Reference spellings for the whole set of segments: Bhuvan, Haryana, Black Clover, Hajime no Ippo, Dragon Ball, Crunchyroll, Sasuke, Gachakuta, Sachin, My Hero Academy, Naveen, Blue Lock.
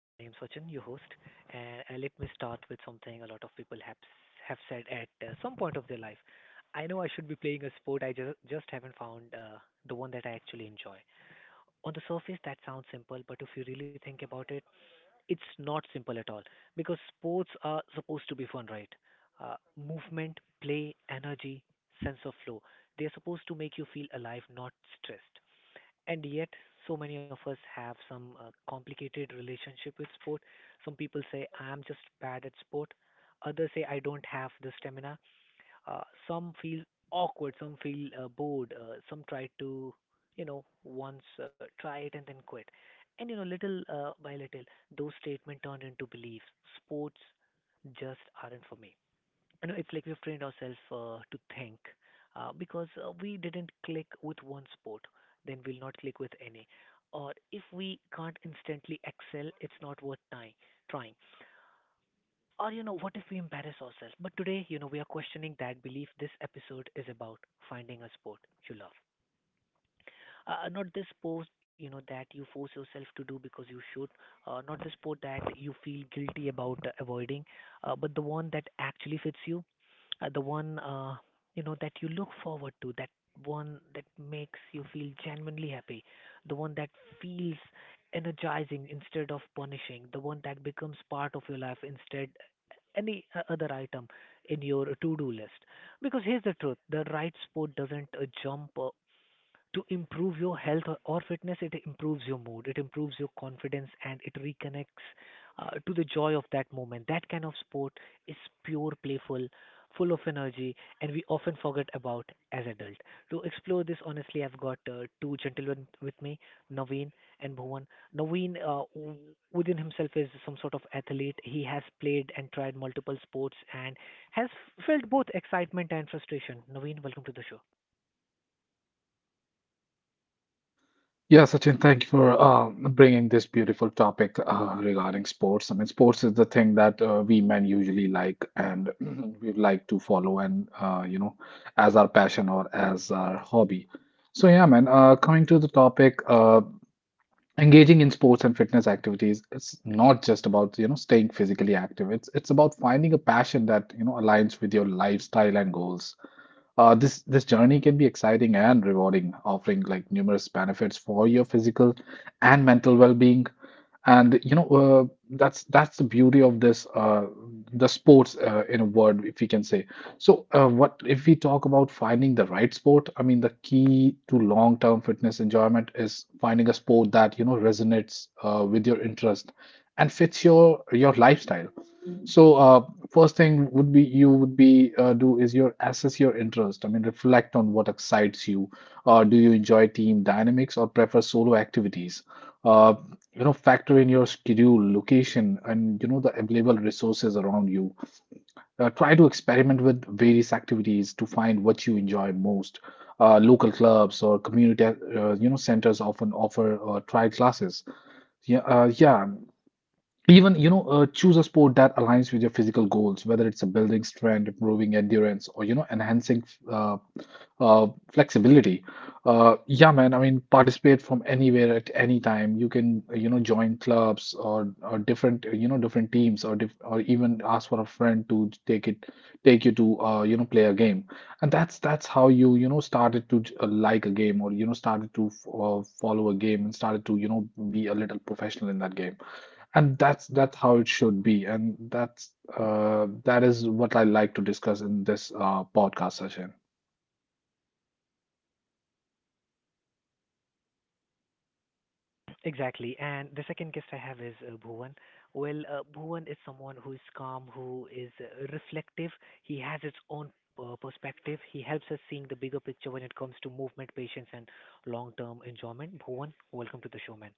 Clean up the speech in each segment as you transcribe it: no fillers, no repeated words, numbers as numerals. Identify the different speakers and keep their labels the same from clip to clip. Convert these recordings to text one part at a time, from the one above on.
Speaker 1: I am Sachin, your host, and let me start with something a lot of people have said at some point of their life. I know I should be playing a sport, I just haven't found the one that I actually enjoy. On the surface, that sounds simple, but if you really think about it, it's not simple at all because sports are supposed to be fun, right? Uh, Movement, play, energy, sense of flow. They're supposed to make you feel alive, not stressed, and yet so many of us have some complicated relationship with sport. Some people say I am just bad at sport, others say I don't have the stamina, uh, some feel awkward, some feel bored, some try to once try it and then quit, and you know, little by little, those statements turned into beliefs. Sports just aren't for me. You know, it's like we've trained ourselves to think because we didn't click with one sport, then we'll not click with any. Or if we can't instantly excel, it's not worth trying. Trying. Or, you know, what if we embarrass ourselves? But today, you know, we are questioning that belief. This episode is about finding a sport you love. Not this sport, you know, that you force yourself to do because you should. Not the sport that you feel guilty about avoiding, but the one that actually fits you, the one that you look forward to, that one that makes you feel genuinely happy, the one that feels energizing instead of punishing, the one that becomes part of your life instead any other item in your to-do list. Because here's the truth: the right sport doesn't jump to improve your health or fitness. It improves your mood, it improves your confidence, and it reconnects to the joy of that moment. That kind of sport is pure, playful, full of energy, and we often forget about as adult. To explore this honestly, I've got two gentlemen with me, Naveen and Bhuvan. Naveen, within himself, is some sort of athlete. He has played and tried multiple sports and has felt both excitement and frustration. Naveen, welcome to the show. Exactly. And the second guest I have is Bhuvan. Well, Bhuvan is someone who is calm, who is reflective. He has his own perspective. He helps us seeing the bigger picture when it comes to movement, patience, and long-term enjoyment. Bhuvan, welcome to the show, man.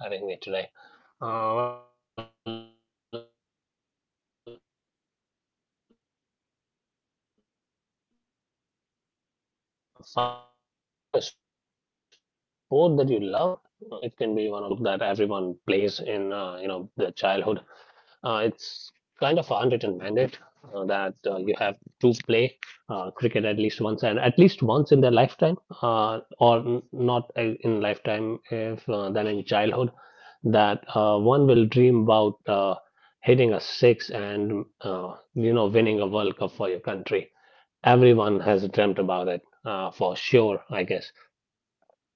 Speaker 2: Oh, thank you, Sachin. Thanks for having me today. Well, finding a sport that you love, it can be one of the most rewarding experiences in life. Well, actually, I live in a country where cricket is the sport that everyone plays in their childhood. It's kind of an unwritten mandate that you have to play cricket at least once and at least once in their lifetime, or not in lifetime, if than in childhood, that one will dream about hitting a six and winning a World Cup for your country. Everyone has dreamt about it, for sure, I guess.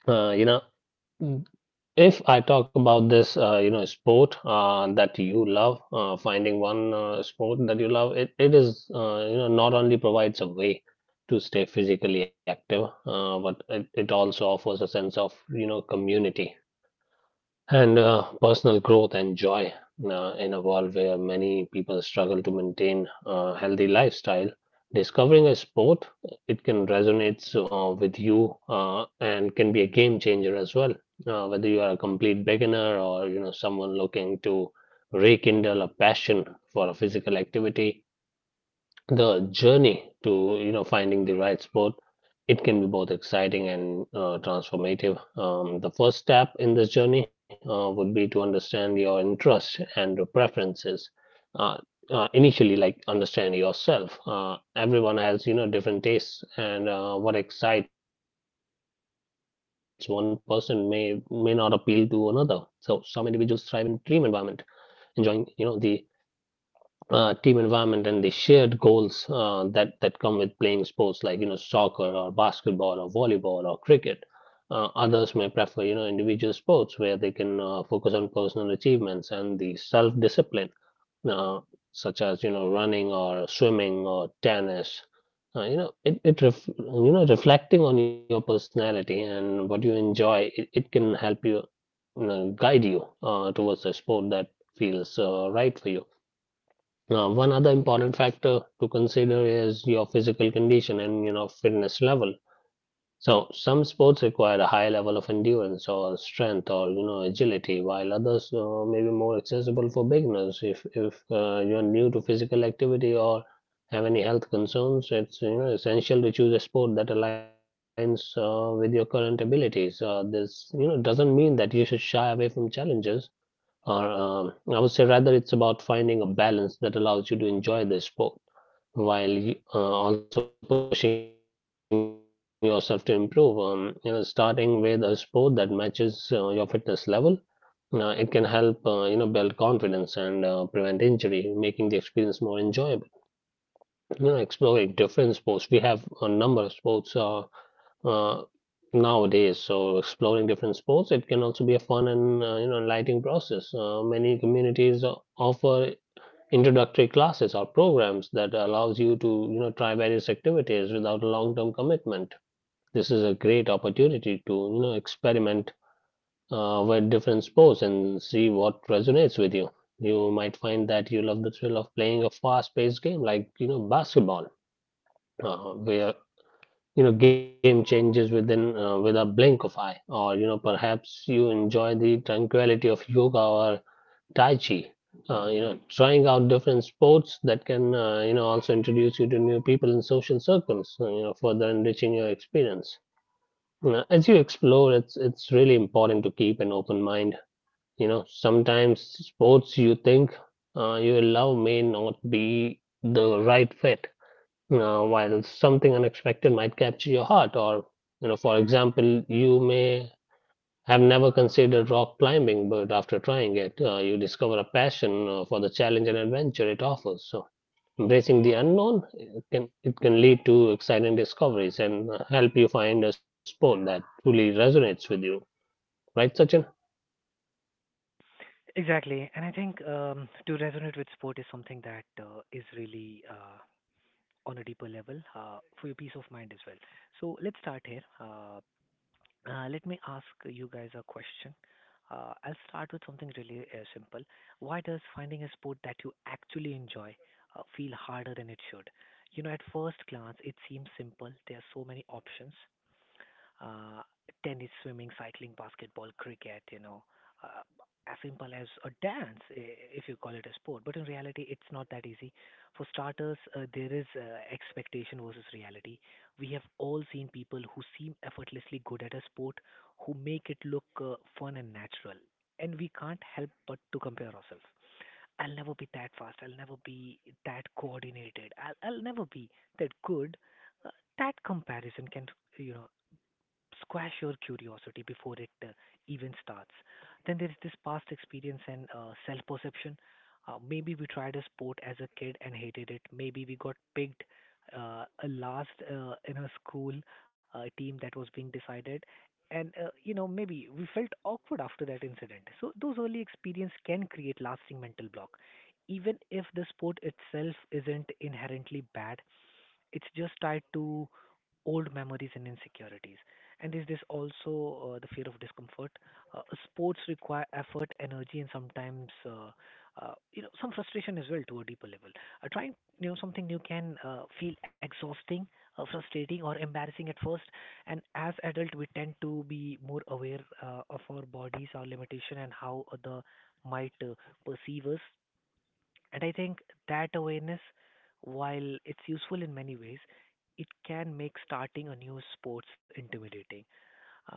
Speaker 2: Uh, you know. If I talk about this, sport that you love, finding one sport that you love, it is not only provides a way to stay physically active, but it also offers a sense of community and personal growth and joy in a world where many people struggle to maintain a healthy lifestyle. Discovering a sport it can resonate with you and can be a game changer as well, whether you are a complete beginner or someone looking to rekindle a passion for a physical activity. The journey to finding the right sport it can be both exciting and transformative. The first step in this journey would be to understand your interests and your preferences. uh, Initially, like, understand yourself. Everyone has different tastes, and what excites one person may not appeal to another. So some individuals thrive in dream environment, enjoying the team environment and the shared goals that come with playing sports like, soccer or basketball or volleyball or cricket. Others may prefer individual sports where they can focus on personal achievements and the self-discipline, uh, such as running or swimming or tennis. Reflecting on your personality and what you enjoy it, it can help you guide you towards a sport that feels right for you. Now, one other important factor to consider is your physical condition and fitness level. So some sports require a high level of endurance or strength or agility, while others may be more accessible for beginners. If you're new to physical activity or have any health concerns, it's essential to choose a sport that aligns with your current abilities. This doesn't mean that you should shy away from challenges, or I would say rather it's about finding a balance that allows you to enjoy the sport while you also pushing yourself to improve. Starting with a sport that matches your fitness level, it can help build confidence and prevent injury, making the experience more enjoyable. Exploring different sports. We have a number of sports uh, nowadays. So exploring different sports, it can also be a fun and enlightening process. Many communities offer introductory classes or programs that allows you to try various activities without a long-term commitment. This is a great opportunity to experiment with different sports and see what resonates with you. You might find that you love the thrill of playing a fast-paced game like basketball, where game changes within with a blink of eye, or perhaps you enjoy the tranquility of yoga or tai chi. Trying out different sports that can also introduce you to new people in social circles, further enriching your experience. As you explore, it's really important to keep an open mind. Sometimes sports you think you will love may not be the right fit, while something unexpected might capture your heart. Or for example, you may have never considered rock climbing, but after trying it, you discover a passion for the challenge and adventure it offers. So embracing the unknown it can lead to exciting discoveries and help you find a sport that truly resonates with you, right, Sachin?
Speaker 1: Exactly. And I think to resonate with sport is something that is really on a deeper level for your peace of mind as well. So let's start here. Let me ask you guys a question. I'll start with something really simple. Why does finding a sport that you actually enjoy feel harder than it should? You know, at first glance, it seems simple. There are so many options, uh, tennis, swimming, cycling, basketball, cricket, you know, uh, as simple as a dance, if you call it a sport. But in reality, it's not that easy. For starters, there is expectation versus reality. We have all seen people who seem effortlessly good at a sport, who make it look fun and natural. And we can't help but to compare ourselves. I'll never be that fast. I'll never be that coordinated. I'll never be that good. Uh, that comparison can, you know, squash your curiosity before it even starts. Then there's this past experience and self perception. Maybe we tried a sport as a kid and hated it. Maybe we got picked a last in a school team that was being decided. And you know, maybe we felt awkward after that incident. So those early experience can create lasting mental block. Even if the sport itself isn't inherently bad, it's just tied to old memories and insecurities. And is this also the fear of discomfort? Sports require effort, energy, and sometimes some frustration as well to a deeper level. Trying, you know, something new can feel exhausting, frustrating, or embarrassing at first. And as adult, we tend to be more aware of our bodies, our limitation, and how other might perceive us. And I think that awareness, while it's useful in many ways, it can make starting a new sports intimidating. Uh,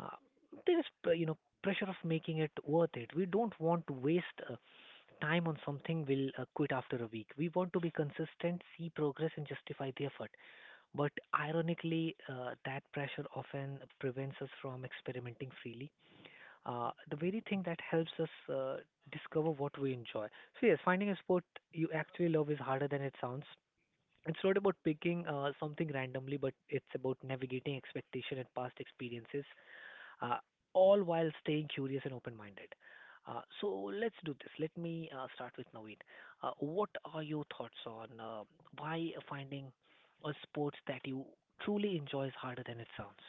Speaker 1: there is, you know, pressure of making it worth it. We don't want to waste time on something we'll quit after a week. We want to be consistent, see progress, and justify the effort. But ironically, that pressure often prevents us from experimenting freely, the very thing that helps us uh, discover what we enjoy. So yes, finding a sport you actually love is harder than it sounds. It's not about picking something randomly, but it's about navigating expectation and past experiences, uh, all while staying curious and open-minded. So let's do this. Let me start with Naveen. What are your thoughts on why finding a sport that you truly enjoy is harder than it sounds?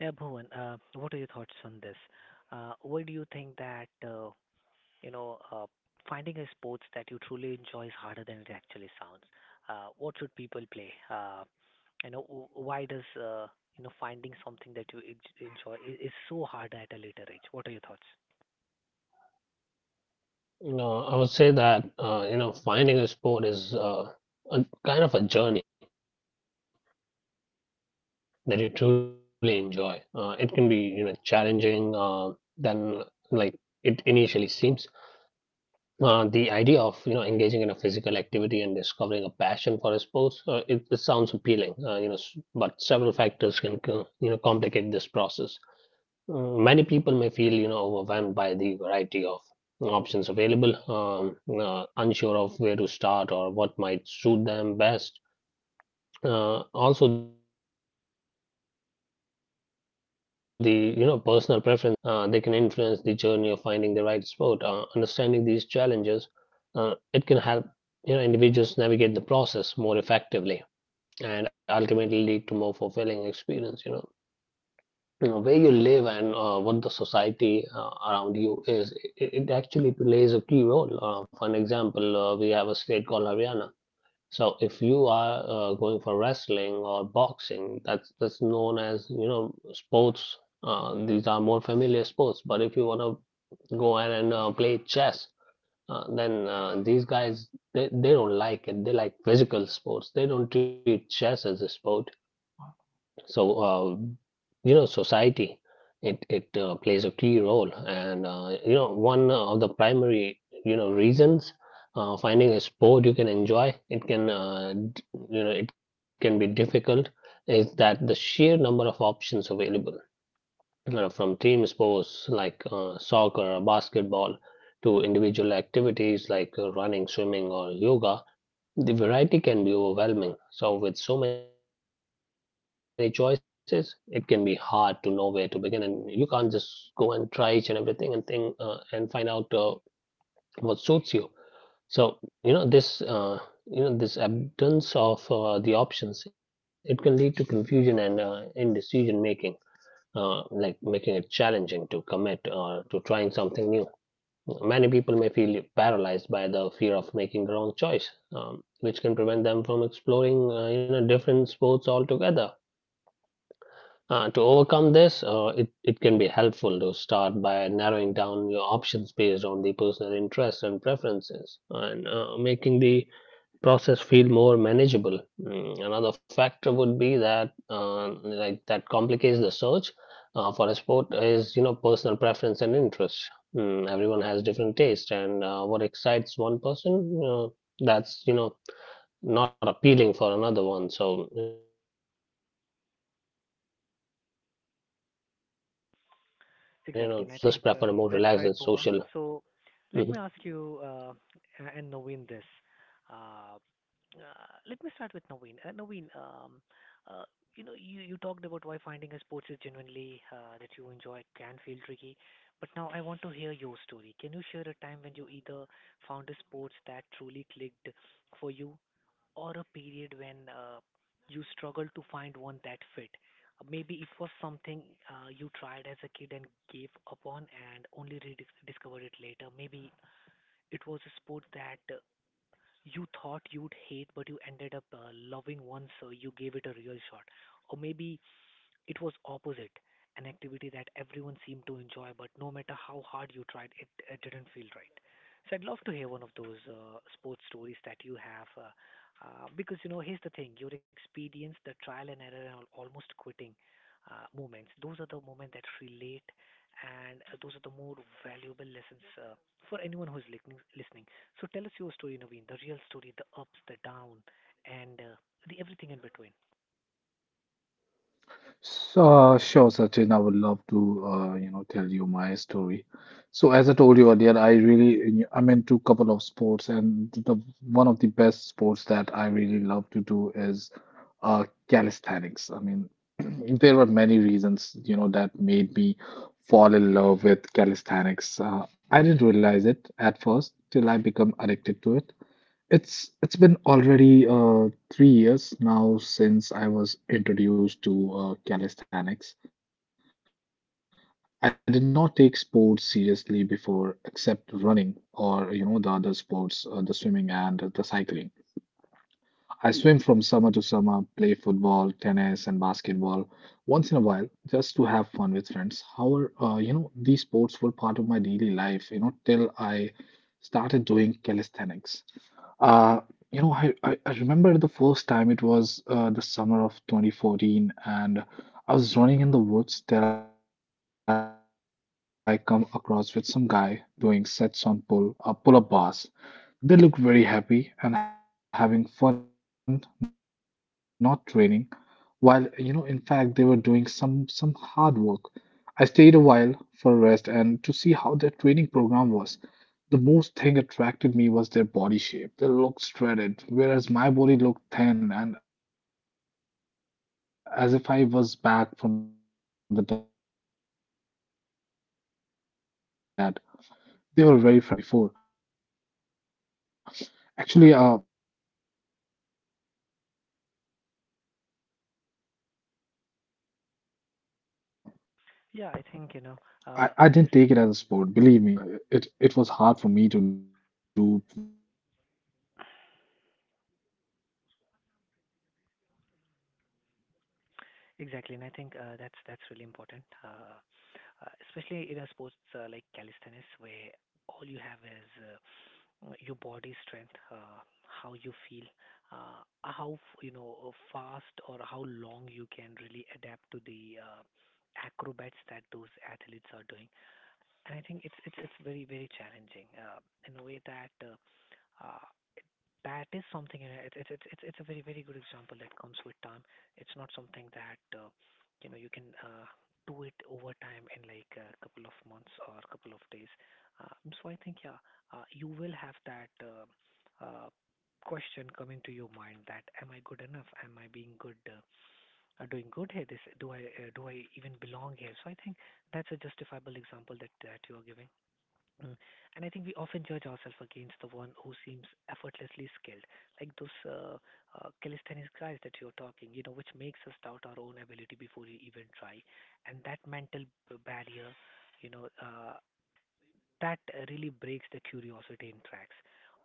Speaker 1: Yeah, Bhuvan, what are your thoughts on this? Why do you think that you know uh, finding a sports that you truly enjoy is harder than it actually sounds? What should people play? You know, why does finding something that you enjoy is so hard at a later age? What are your thoughts?
Speaker 2: No, I would say that finding a sport is a kind of a journey that you truly enjoy. It can be challenging than like it initially seems. The idea of engaging in a physical activity and discovering a passion for a sports, it sounds appealing. But several factors can complicate this process. Many people may feel overwhelmed by the variety of options available, unsure of where to start or what might suit them best. Also, the personal preferences or past experiences, and even societal expectations, they can influence the journey of finding the right sport. Understanding these challenges, it can help individuals navigate the process more effectively and ultimately lead to more fulfilling experience. Where you live and what the society around you is, it actually plays a key role. For an example, we have a state called Haryana. So if you are going for wrestling or boxing, that's known as sports. These are more familiar sports. But if you want to go ahead and play chess, then these guys they don't like it. They like physical sports. They don't treat chess as a sport. So society, it plays a key role, and one of the primary reasons finding a sport you can enjoy, it can it can be difficult, is that the sheer number of options available, from team sports like soccer or basketball to individual activities like running, swimming, or yoga. The variety can be overwhelming. So with so many choices, it can be hard to know where to begin, and you can't just go and try each and everything and think and find out what suits you. So, you know this, uh, you know this abundance of the options, it can lead to confusion and indecision making, like making it challenging to commit or to trying something new. Many people may feel paralyzed by the fear of making the wrong choice, which can prevent them from exploring different sports altogether. To overcome this, it can be helpful to start by narrowing down your options based on the personal interests and preferences, and making the process feel more manageable. Another factor would be that like that complicates the search for a sport is personal preference and interest. Everyone has different taste, and what excites one person, that's not appealing for another one. So some people thrive in competitive environments, while others prefer a more relaxed and
Speaker 1: Exactly. And I think
Speaker 2: social.
Speaker 1: that's right, Bhuvan.
Speaker 2: Mm-hmm.
Speaker 1: So let me ask you and Naveen this. Uh, uh, let me start with Naveen. Naveen, uh, you know, you talked about why finding a sports is genuinely that you enjoy can feel tricky. But now I want to hear your story. Can you share a time when you either found a sports that truly clicked for you or a period when you struggle to find one that fit? Maybe it was something you tried as a kid and gave up on and only rediscovered it later. Maybe it was a sport that you thought you'd hate, but you ended up loving once you gave it a real shot. Or maybe it was opposite, an activity that everyone seemed to enjoy, but no matter how hard you tried, it didn't feel right. So I'd love to hear one of those sports stories that you have, because you know, here's the thing: your experience, the trial and error, and almost quitting moments. Those are the moments that relate, and those are the more valuable lessons for anyone who's listening. So tell us your story, Naveen. The real story, the ups, the down, and the everything in between. Yeah, I think you know, uh, exactly, and I think that's really important, especially in a sports like calisthenics, where all you have is your body strength, how you feel, how you know fast or how long you can really adapt to the acrobats that those athletes are doing. And I think it's very very challenging in a way that uh, that is something, you know, it's a very, very good example that comes with time. It's not something that, you know, you can do it over time in like a couple of months or a couple of days. So I think, yeah, you will have that uh, question coming to your mind that, am I good enough? Am I being good, doing good here? Do I even belong here? So I think that's a justifiable example that you are giving. Mm. And I think we often judge ourselves against the one who seems effortlessly skilled, like those calisthenics guys that you're talking, you know, which makes us doubt our own ability before we even try. And that mental barrier, you know, that really breaks the curiosity in tracks.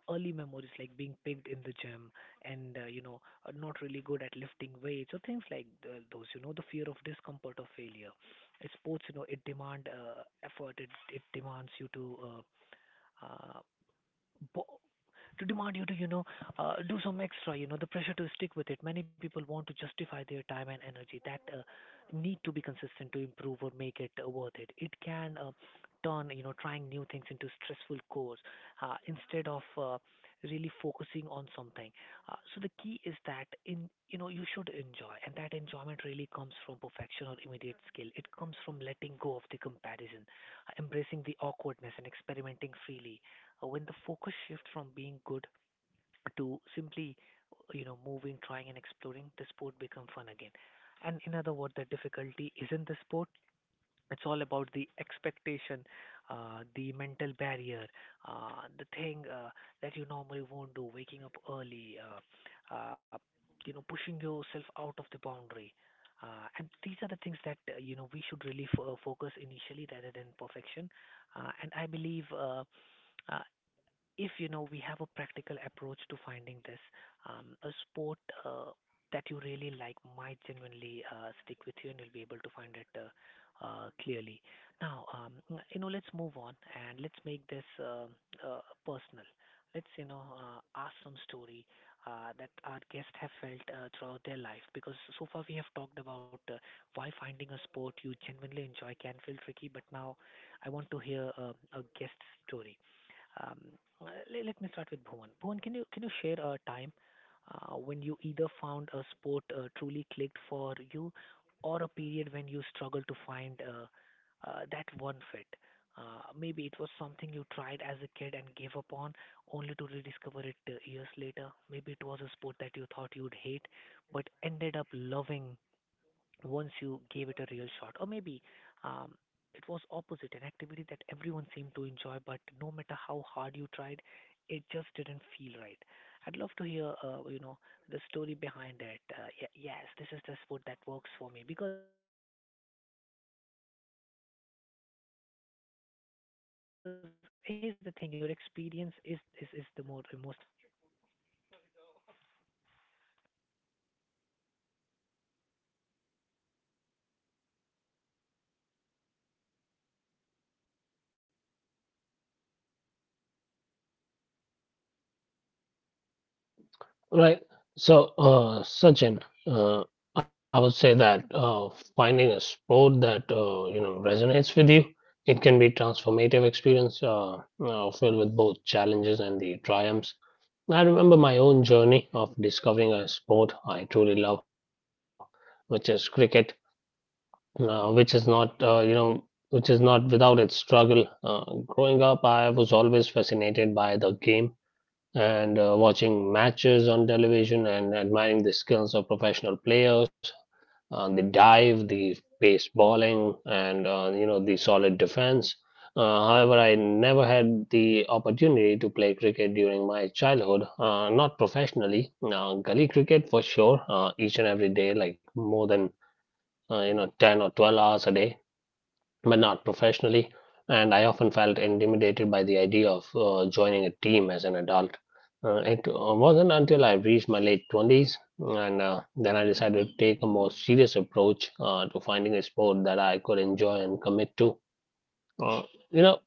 Speaker 1: Early memories like being picked in the gym and, you know, not really good at lifting weights or things like those, you know, the fear of discomfort or failure. Sports, you know, it demand effort, it demands you to. Uh, bo- to demand you to do some extra, the pressure to stick with it. Many people want to justify their time and energy that need to be consistent to improve or make it worth It can turn trying new things into stressful course, instead of really focusing on something. So the key is that in you should enjoy, and that enjoyment really comes from perfection or immediate skill. It comes from letting go of the comparison, embracing the awkwardness and experimenting freely. When the focus shifts from being good to simply moving, trying and exploring, the sport becomes fun again. And in other words, the difficulty isn't the sport, it's all about the expectation, the mental barrier, the thing that you normally won't do, waking up early, pushing yourself out of the boundary, and these are the things that we should really focus initially rather than perfection. And I believe uh, if we have a practical approach to finding this, a sport uh, that you really like might genuinely stick with you, and you'll be able to find it clearly. Now, let's move on and let's make this personal. Let's ask some story that our guests have felt throughout their life. Because so far we have talked about why finding a sport you genuinely enjoy can feel tricky, but now I want to hear a guest story. Um, Let me start with Bhuvan. Bhuvan, can you share a time when you either found a sport truly clicked for you, or a period when you struggled to find that one fit? Maybe it was something you tried as a kid and gave up on, only to rediscover it years later. Maybe it was a sport that you thought you'd hate, but ended up loving once you gave it a real shot. Or maybe um, it was opposite, an activity that everyone seemed to enjoy, but no matter how hard you tried, it just didn't feel right. I'd love to hear the story behind it. Yes, this is the sport that works for me. Because here's the thing, your experience is the most important thing that we need. So Bhuvan, if you want to add, what are your thoughts?
Speaker 2: Right. So, Sachin, I would say that finding a sport that resonates with you, it can be transformative experience filled with both challenges and the triumphs. I remember my own journey of discovering a sport I truly love, which is cricket, uh, which is not uh, you know which is not without its struggle. Growing up, I was always fascinated by the game and watching matches on television and admiring the skills of professional players, the dive, the pace bowling, and the solid defense. However, I never had the opportunity to play cricket during my childhood, not professionally. Gully cricket for sure, each and every day, like more than 10 or 12 hours a day, but not professionally. And I often felt intimidated by the idea of joining a team as an adult. It wasn't until I reached my late 20s and then I decided to take a more serious approach to finding a sport that I could enjoy and commit to. Uh, you know,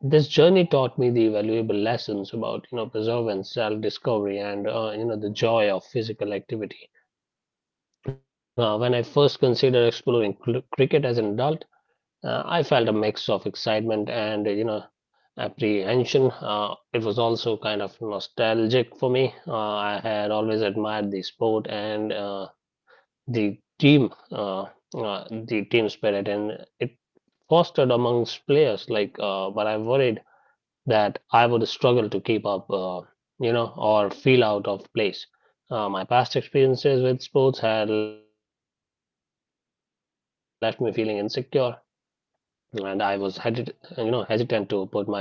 Speaker 2: this journey taught me the valuable lessons about perseverance, self-discovery, and the joy of physical activity. When I first considered exploring cricket as an adult, I felt a mix of excitement and apprehension. It was also kind of nostalgic for me. I had always admired the sport and the team, uh, the team spirit, and it fostered amongst players. Like, but I worried that I would struggle to keep up, you know, or feel out of place. My past experiences with sports had left me feeling insecure and I was headed, you know, hesitant to put myself in a situation where I might feel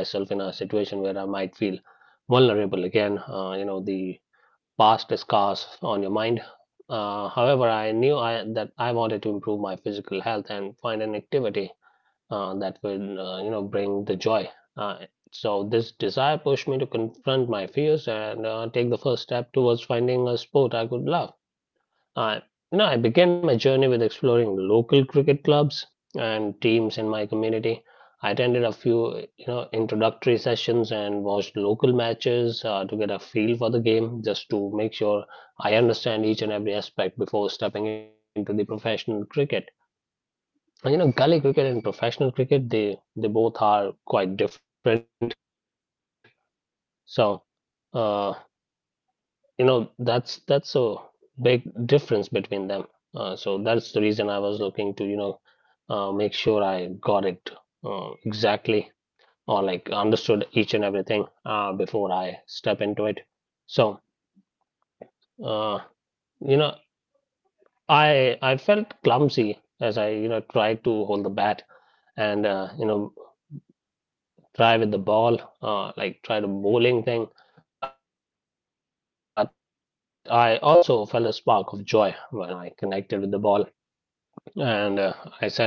Speaker 2: vulnerable again. You know, the past is scars on your mind. However, that I wanted to improve my physical health and find an activity that will, you know, bring the joy. Uh, so this desire pushed me to confront my fears and take the first step towards finding a sport I could love. I, I began my journey with exploring local cricket clubs and teams in my community. I attended a few, you know, introductory sessions and watched local matches to get a feel for the game, just to make sure I understand each and every aspect before stepping into the professional cricket. And, you know, gully cricket and professional cricket, they both are quite different. So, uh, you know, that's a big difference between them. So that's the reason I was looking to, you know, make sure I got it exactly or like understood each and everything before I step into it. So, uh, you know, I felt clumsy as I, you know, tried to hold the bat and you know try with the ball, like try the bowling thing. But I also felt a spark of joy when I connected with the ball and I started flying down the pitch,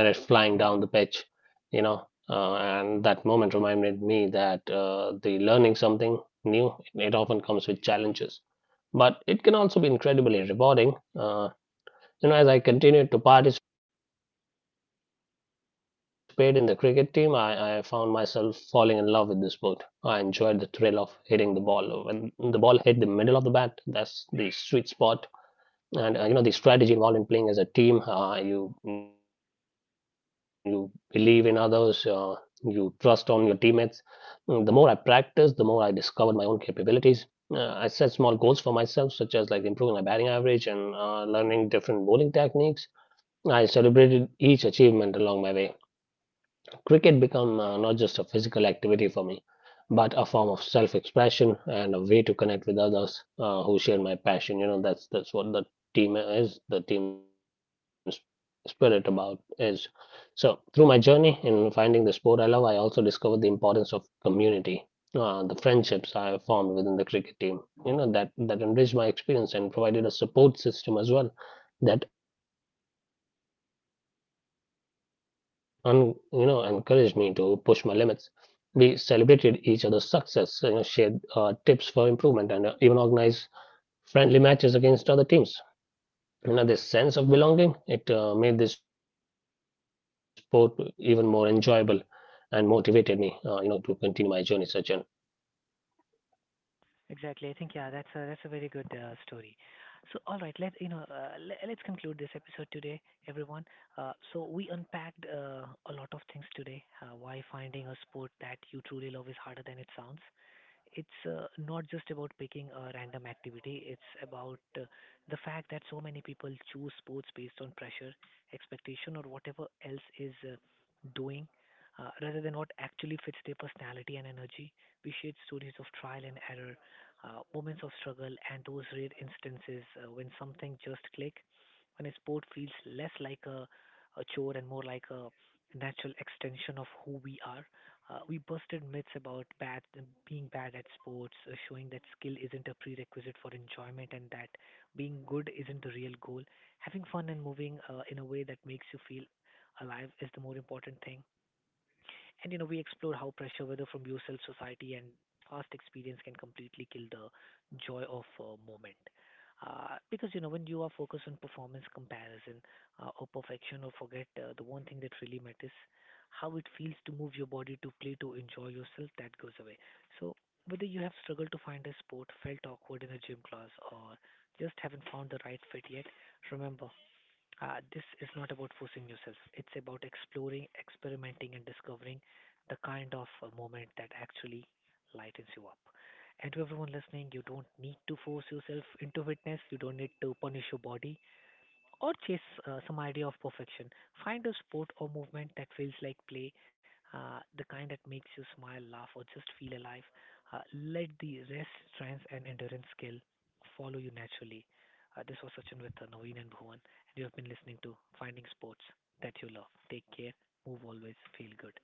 Speaker 2: you know. And that moment reminded me that the learning something new, it often comes with challenges, but it can also be incredibly rewarding. Uh, you know, as I continued to participate in the cricket team, I found myself falling in love with the sport. I enjoyed the thrill of hitting the ball. When the ball hit the middle of the bat, that's the sweet spot and you know the strategy involved in playing as a team, you believe in others, you trust on your teammates. Mm, the more I practiced the more I discovered my own capabilities. I set small goals for myself such as like improving my batting average and learning different bowling techniques. I celebrated each achievement along my way. Cricket become not just a physical activity for me, but a form of self-expression and a way to connect with others who share my passion. You know, that's what the team is. The team's spirit about is. So through my journey in finding the sport I love, I also discovered the importance of community. The friendships I formed within the cricket team, you know, that enriched my experience and provided a support system as well that you know encouraged me to push my limits. We celebrated each other's success, so, you know, shared tips for improvement, and even organized friendly matches against other teams. You know, this sense of belonging it made this sport even more enjoyable, and motivated me, you know, to continue my journey, Sachin.
Speaker 1: Exactly. I think yeah, that's a very good story. So all right, let's conclude this episode today, everyone. So we unpacked a lot of things today. Why finding a sport that you truly love is harder than it sounds. It's not just about picking a random activity, it's about the fact that so many people choose sports based on pressure, expectation, or whatever else is doing. Rather than what actually fits their personality and energy, we shared stories of trial and error, moments of struggle, and those rare instances when something just clicks, when a sport feels less like a chore and more like a natural extension of who we are. We busted myths about being bad at sports, showing that skill isn't a prerequisite for enjoyment and that being good isn't the real goal. Having fun and moving in a way that makes you feel alive is the more important thing. And we explore how pressure, whether from yourself, society, and past experience, can completely kill the joy of a moment. Because when you are focused on performance comparison, or perfection, or forget the one thing that really matters, how it feels to move your body, to play, to enjoy yourself, that goes away. So whether you have struggled to find a sport, felt awkward in a gym class, or just haven't found the right fit yet, remember this is not about forcing yourself. It's about exploring, experimenting, and discovering the kind of moment that actually lightens you up. And to everyone listening, you don't need to force yourself into fitness. You don't need to punish your body or chase some idea of perfection. Find a sport or movement that feels like play, the kind that makes you smile, laugh, or just feel alive. Uh, let the rest, strength, and endurance skill follow you naturally. This was Sachin with Naveen and Bhuvan, and you have been listening to Finding Sports That You Love. Take care, move always, feel good.